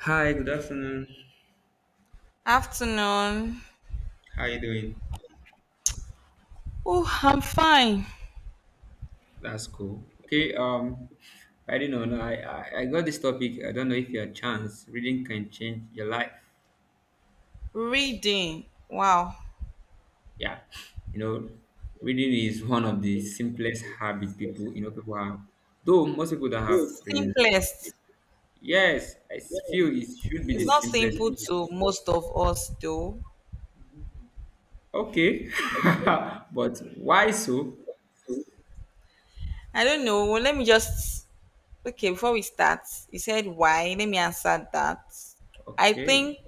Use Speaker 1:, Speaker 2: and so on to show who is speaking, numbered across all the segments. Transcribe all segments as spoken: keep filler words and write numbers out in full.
Speaker 1: Hi, good afternoon.
Speaker 2: Afternoon.
Speaker 1: How you doing?
Speaker 2: Oh, I'm fine.
Speaker 1: That's cool. Okay, um, I don't know. No, I, I I got this topic. I don't know if you your chance reading can change your life.
Speaker 2: Reading. Wow.
Speaker 1: Yeah, you know, reading is one of the simplest habit people you know people have. Though most people don't have
Speaker 2: Oh,
Speaker 1: reading.
Speaker 2: simplest.
Speaker 1: Yes, I s- feel it should be the
Speaker 2: It's not
Speaker 1: simplest.
Speaker 2: simple to most of us, though.
Speaker 1: Okay, but why so?
Speaker 2: I don't know. Well, let me just. Okay, before we start, you said why. Let me answer that. I
Speaker 1: Okay,
Speaker 2: think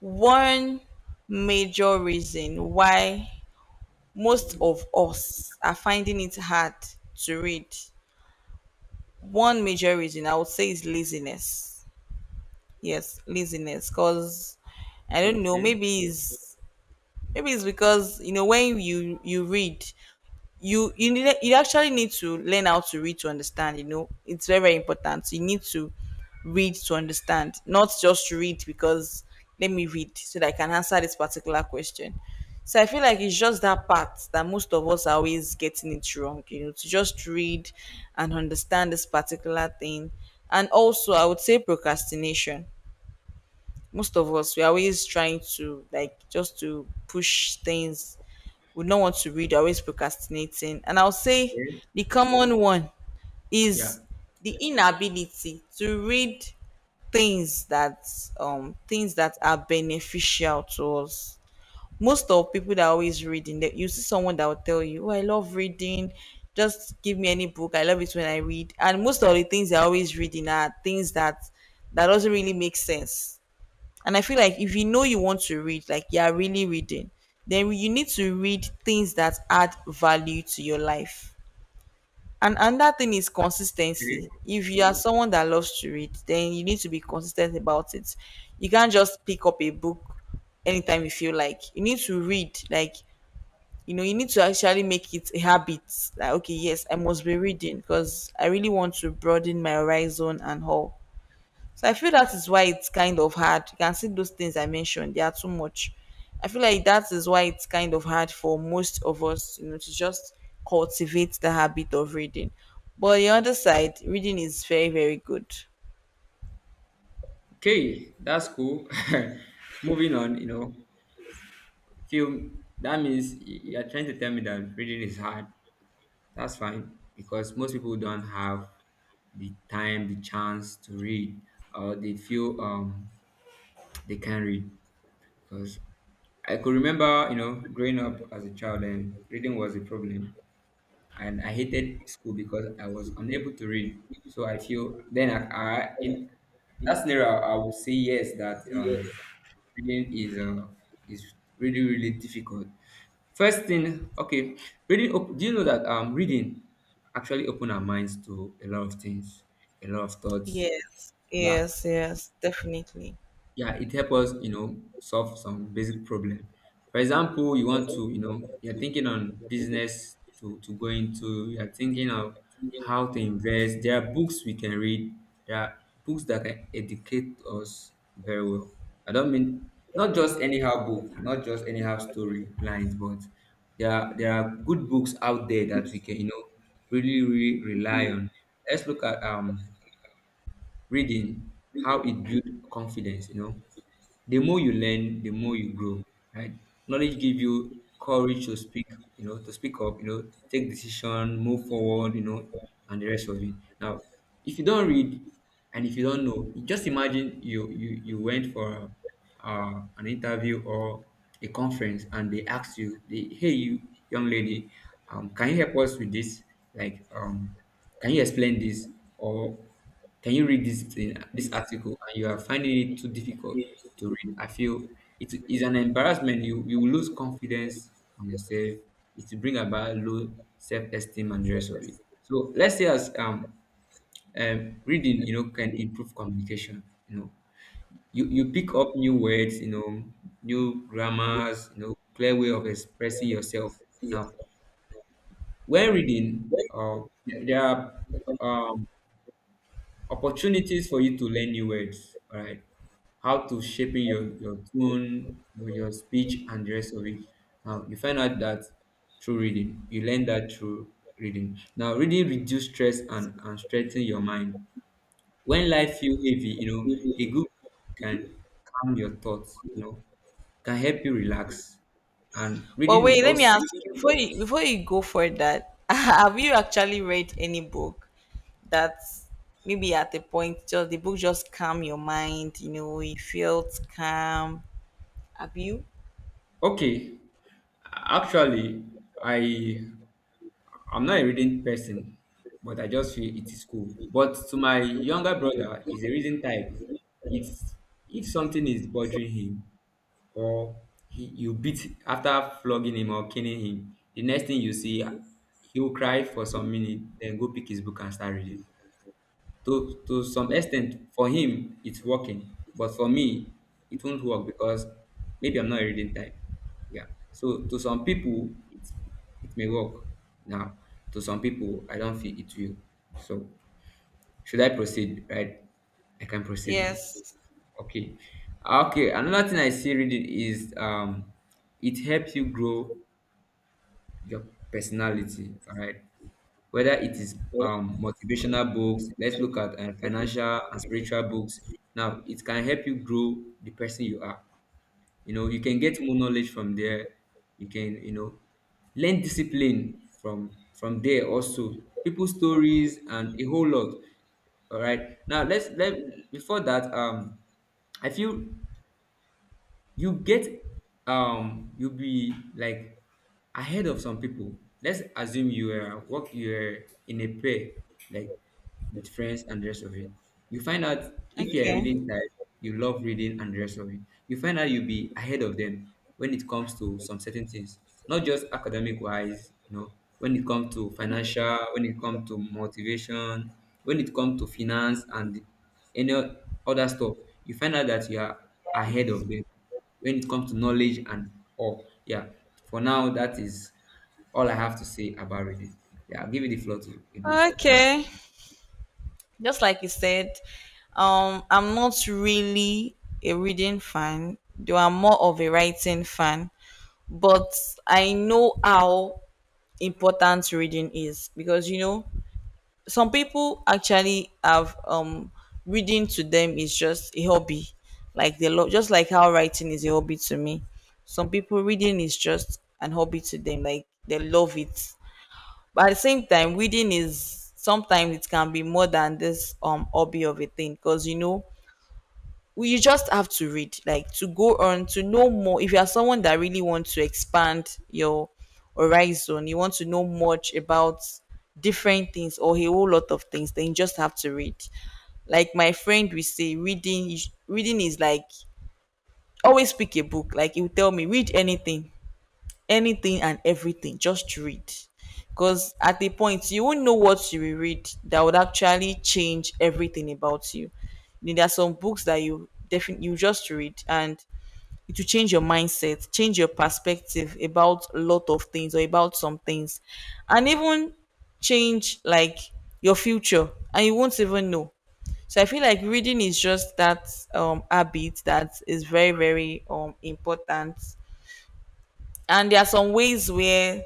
Speaker 2: one major reason why most of us are finding it hard to read, one major reason I would say is laziness. Yes, laziness. Cause I don't know.
Speaker 1: okay,
Speaker 2: Maybe it's maybe it's because you know when you you read, you you need you actually need to learn how to read to understand. You know, it's very very important. You need to read to understand, not just read because let me read so that I can answer this particular question. So I feel like it's just that part that most of us are always getting it wrong. You know, to just read and understand this particular thing, and also I would say procrastination. Most of us we are always trying to like just to push things, we don't want to read, we're always procrastinating. And I'll say
Speaker 1: okay,
Speaker 2: the common one
Speaker 1: yeah,
Speaker 2: is the inability to read things that um things that are beneficial to us. Most of people that are always reading, that you see someone that will tell you, "Oh, I love reading. Just give me any book. I love it when I read." And most of the things they're always reading are things that that doesn't really make sense, and I feel like if you know you want to read, like you are really reading, then you need to read things that add value to your life. And another thing is consistency.
Speaker 1: okay.
Speaker 2: If you are someone that loves to read, then you need to be consistent about it. You can't just pick up a book anytime you feel like. You need to read, like, you know, you need to actually make it a habit. Like, okay, yes, I must be reading because I really want to broaden my horizon and all. So I feel that is why it's kind of hard. You can see those things I mentioned, they are too much. I feel like that is why it's kind of hard for most of us, you know, to just cultivate the habit of reading. But on the other side, reading is very, very good.
Speaker 1: Okay, that's cool. Moving on, you know, film that means y- you're trying to tell me that reading is hard. That's fine because most people don't have the time, the chance to read, or they feel um they can read. Because I could remember, you know, growing up as a child and reading was a problem, and I hated school because I was unable to read. So I feel then I, I in that scenario I, I would say yes that um reading is uh, is really really difficult. First thing, okay, reading. Op- do you know that um reading actually open our minds to a lot of things, a lot of thoughts.
Speaker 2: Yes,
Speaker 1: Yeah,
Speaker 2: yes, yes, definitely.
Speaker 1: yeah it helps us you know solve some basic problem. For example, you want to, you know you're thinking on business to, to go into, you're thinking of how to invest. There are books we can read. There are books that can educate us very well. I don't mean not just anyhow book, not just anyhow story lines, but there are there are good books out there that we can, you know really really rely on. Let's look at um reading, how it builds confidence. You know the more you learn, the more you grow, right? Knowledge give you courage to speak, you know to speak up, you know take decision, move forward, you know and the rest of it. Now, if you don't read and if you don't know, just imagine you you you went for uh, an interview or a conference and they asked you, they, hey you young lady, um, can you help us with this, like, um, can you explain this, or can you read this thing, this article, and you are finding it too difficult to read? I feel it is an embarrassment. You you will lose confidence in yourself. It will bring about low self esteem and the rest of it. So let's say as um, um reading, you know, can improve communication. You know, you you pick up new words, you know, new grammars, you know, clear way of expressing yourself. Now, when reading, uh, there there are, um, opportunities for you to learn new words. All right, how to shaping your your tone, your, your speech and the rest of it. Now you find out that through reading you learn that through reading. Now reading reduce stress and and strengthen your mind. When life feel heavy, you know a good book can calm your thoughts, you know can help you relax, and
Speaker 2: But
Speaker 1: reading is
Speaker 2: wait, let me
Speaker 1: also
Speaker 2: ask you before you before you go for that, have you actually read any book that maybe at a point just the book just calm your mind, you know, you felt calm? Have you?
Speaker 1: okay. Actually, i I'm not a reading person, but I just feel it is cool. But to my younger brother, he's a reading type. It's, if something is bothering him, or he, you beat after flogging him or killing him, the next thing you see, he'll cry for some minute, then go pick his book and start reading. To to some extent, for him it's working, but for me it won't work because maybe I'm not reading time. Yeah, so to some people it's, it may work. Now to some people I don't feel it will. So should I proceed, right? I can proceed now.
Speaker 2: Yes.
Speaker 1: Okay, okay, another thing I see, reading is, um it helps you grow your personality. All right, whether it is, um, motivational books, let's look at uh, financial and spiritual books. Now it can help you grow the person you are. You know you can get more knowledge from there. You can, you know learn discipline from from there, also people stories and a whole lot. All right, now let's let, before that, um I feel you get, um you'll be like ahead of some people. Let's assume you are work, you're in a pair, like, with friends and the rest of it. You find out, if you're a
Speaker 2: Okay.
Speaker 1: reading type, you love reading and the rest of it, you find out you'll be ahead of them when it comes to some certain things, not just academic wise. You know when it comes to financial, when it comes to motivation, when it comes to finance and any other stuff, you find out that you are ahead
Speaker 2: Yes.
Speaker 1: of them when it comes to knowledge and all. Yeah, for now, that is all I have to say about reading. Yeah, I'll give you the floor to you know to continue.
Speaker 2: Okay. Just like you said, um, I'm not really a reading fan, though I'm more of a writing fan. But I know how important reading is because you know some people actually have um reading to them is just a hobby, like they love just like how writing is a hobby to me. Some people reading is just an hobby to them, like they love it, but at the same time reading is sometimes it can be more than this um hobby of a thing because you know we- you just have to read like to go on to know more. If you are someone that really wants to expand your horizon, you want to know much about different things or a whole lot of things, then you just have to read. Like my friend we say reading is- reading is like always pick a book. Like he will tell me read anything, anything and everything, just read, because at a point you won't know what you will read that would actually change everything about you. You know, there are some books that you definitely you just read and it will change your mindset, change your perspective about a lot of things or about some things, and even change like your future, and you won't even know. So I feel like reading is just that um habit that is very very um important, and there are some ways where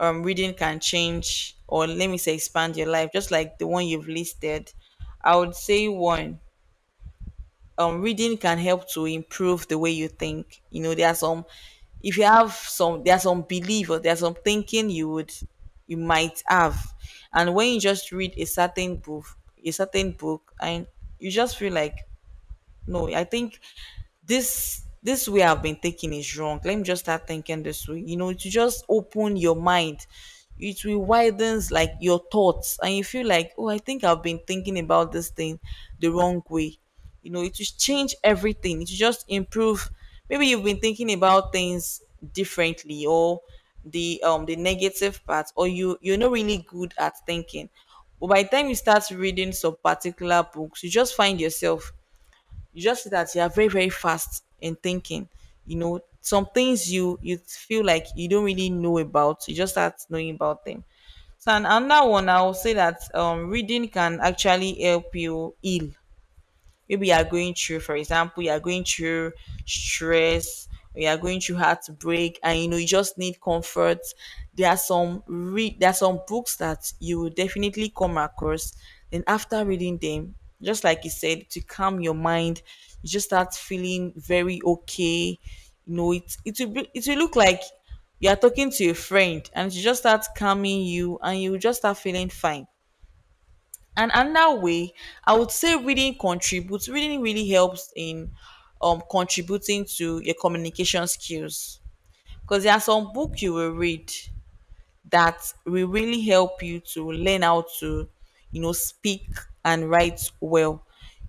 Speaker 2: um, reading can change or let me say expand your life, just like the one you've listed. I would say one, um, reading can help to improve the way you think. You know, there are some, if you have some, there are some belief or there are some thinking you would you might have, and when you just read a certain book, a certain book, and you just feel like no, I think this this way I've been thinking is wrong. Let me just start thinking this way. You know, to just open your mind, it will widens like your thoughts, and you feel like, oh, I think I've been thinking about this thing the wrong way. You know, it will change everything. It will just improve. Maybe you've been thinking about things differently, or the um the negative part, or you you're not really good at thinking. But by the time you start reading some particular books, you just find yourself, you just see that you are very very fast in thinking. You know some things you you feel like you don't really know about, you just start knowing about them. So and another one I will say that um reading can actually help you heal. Maybe you are going through, for example, you are going through stress, or you are going through heartbreak, and you know you just need comfort. There are some re- there are some books that you will definitely come across. Then after reading them, just like you said, to calm your mind, you just start feeling very okay. You know, it it will be, it will look like you are talking to a friend, and she just starts calming you, and you just start feeling fine. And another way, I would say reading contributes. Reading really helps in um contributing to your communication skills, because there are some book you will read that will really help you to learn how to, you know, speak and write well.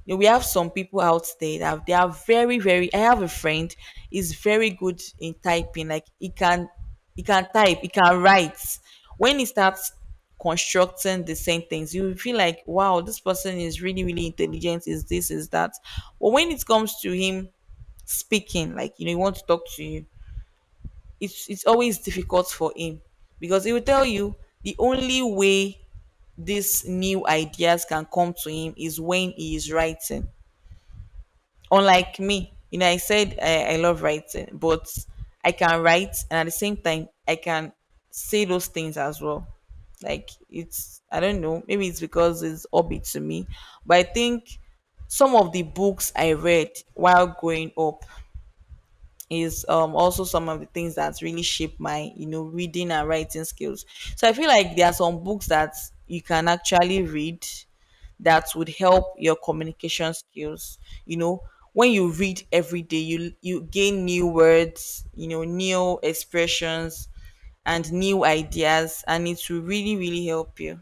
Speaker 2: You know, we have some people out there that they are very, very. I have a friend is very good in typing. Like he can, he can type, he can write. When he starts constructing the sentence, you will feel like, wow, this person is really, really intelligent. Is this, is that? But when it comes to him speaking, like you know, he wants to talk to you, it's it's always difficult for him because he will tell you the only way these new ideas can come to him is when he is writing. Unlike me, you know, I said I, I love writing, but I can write and at the same time I can say those things as well. Like it's I don't know, maybe it's because it's hobby to me. But I think some of the books I read while growing up is um also some of the things that really shape my you know reading and writing skills. So I feel like there are some books that you can actually read that would help your communication skills. You know, when you read every day, you you gain new words, you know, new expressions and new ideas, and it will really really help you.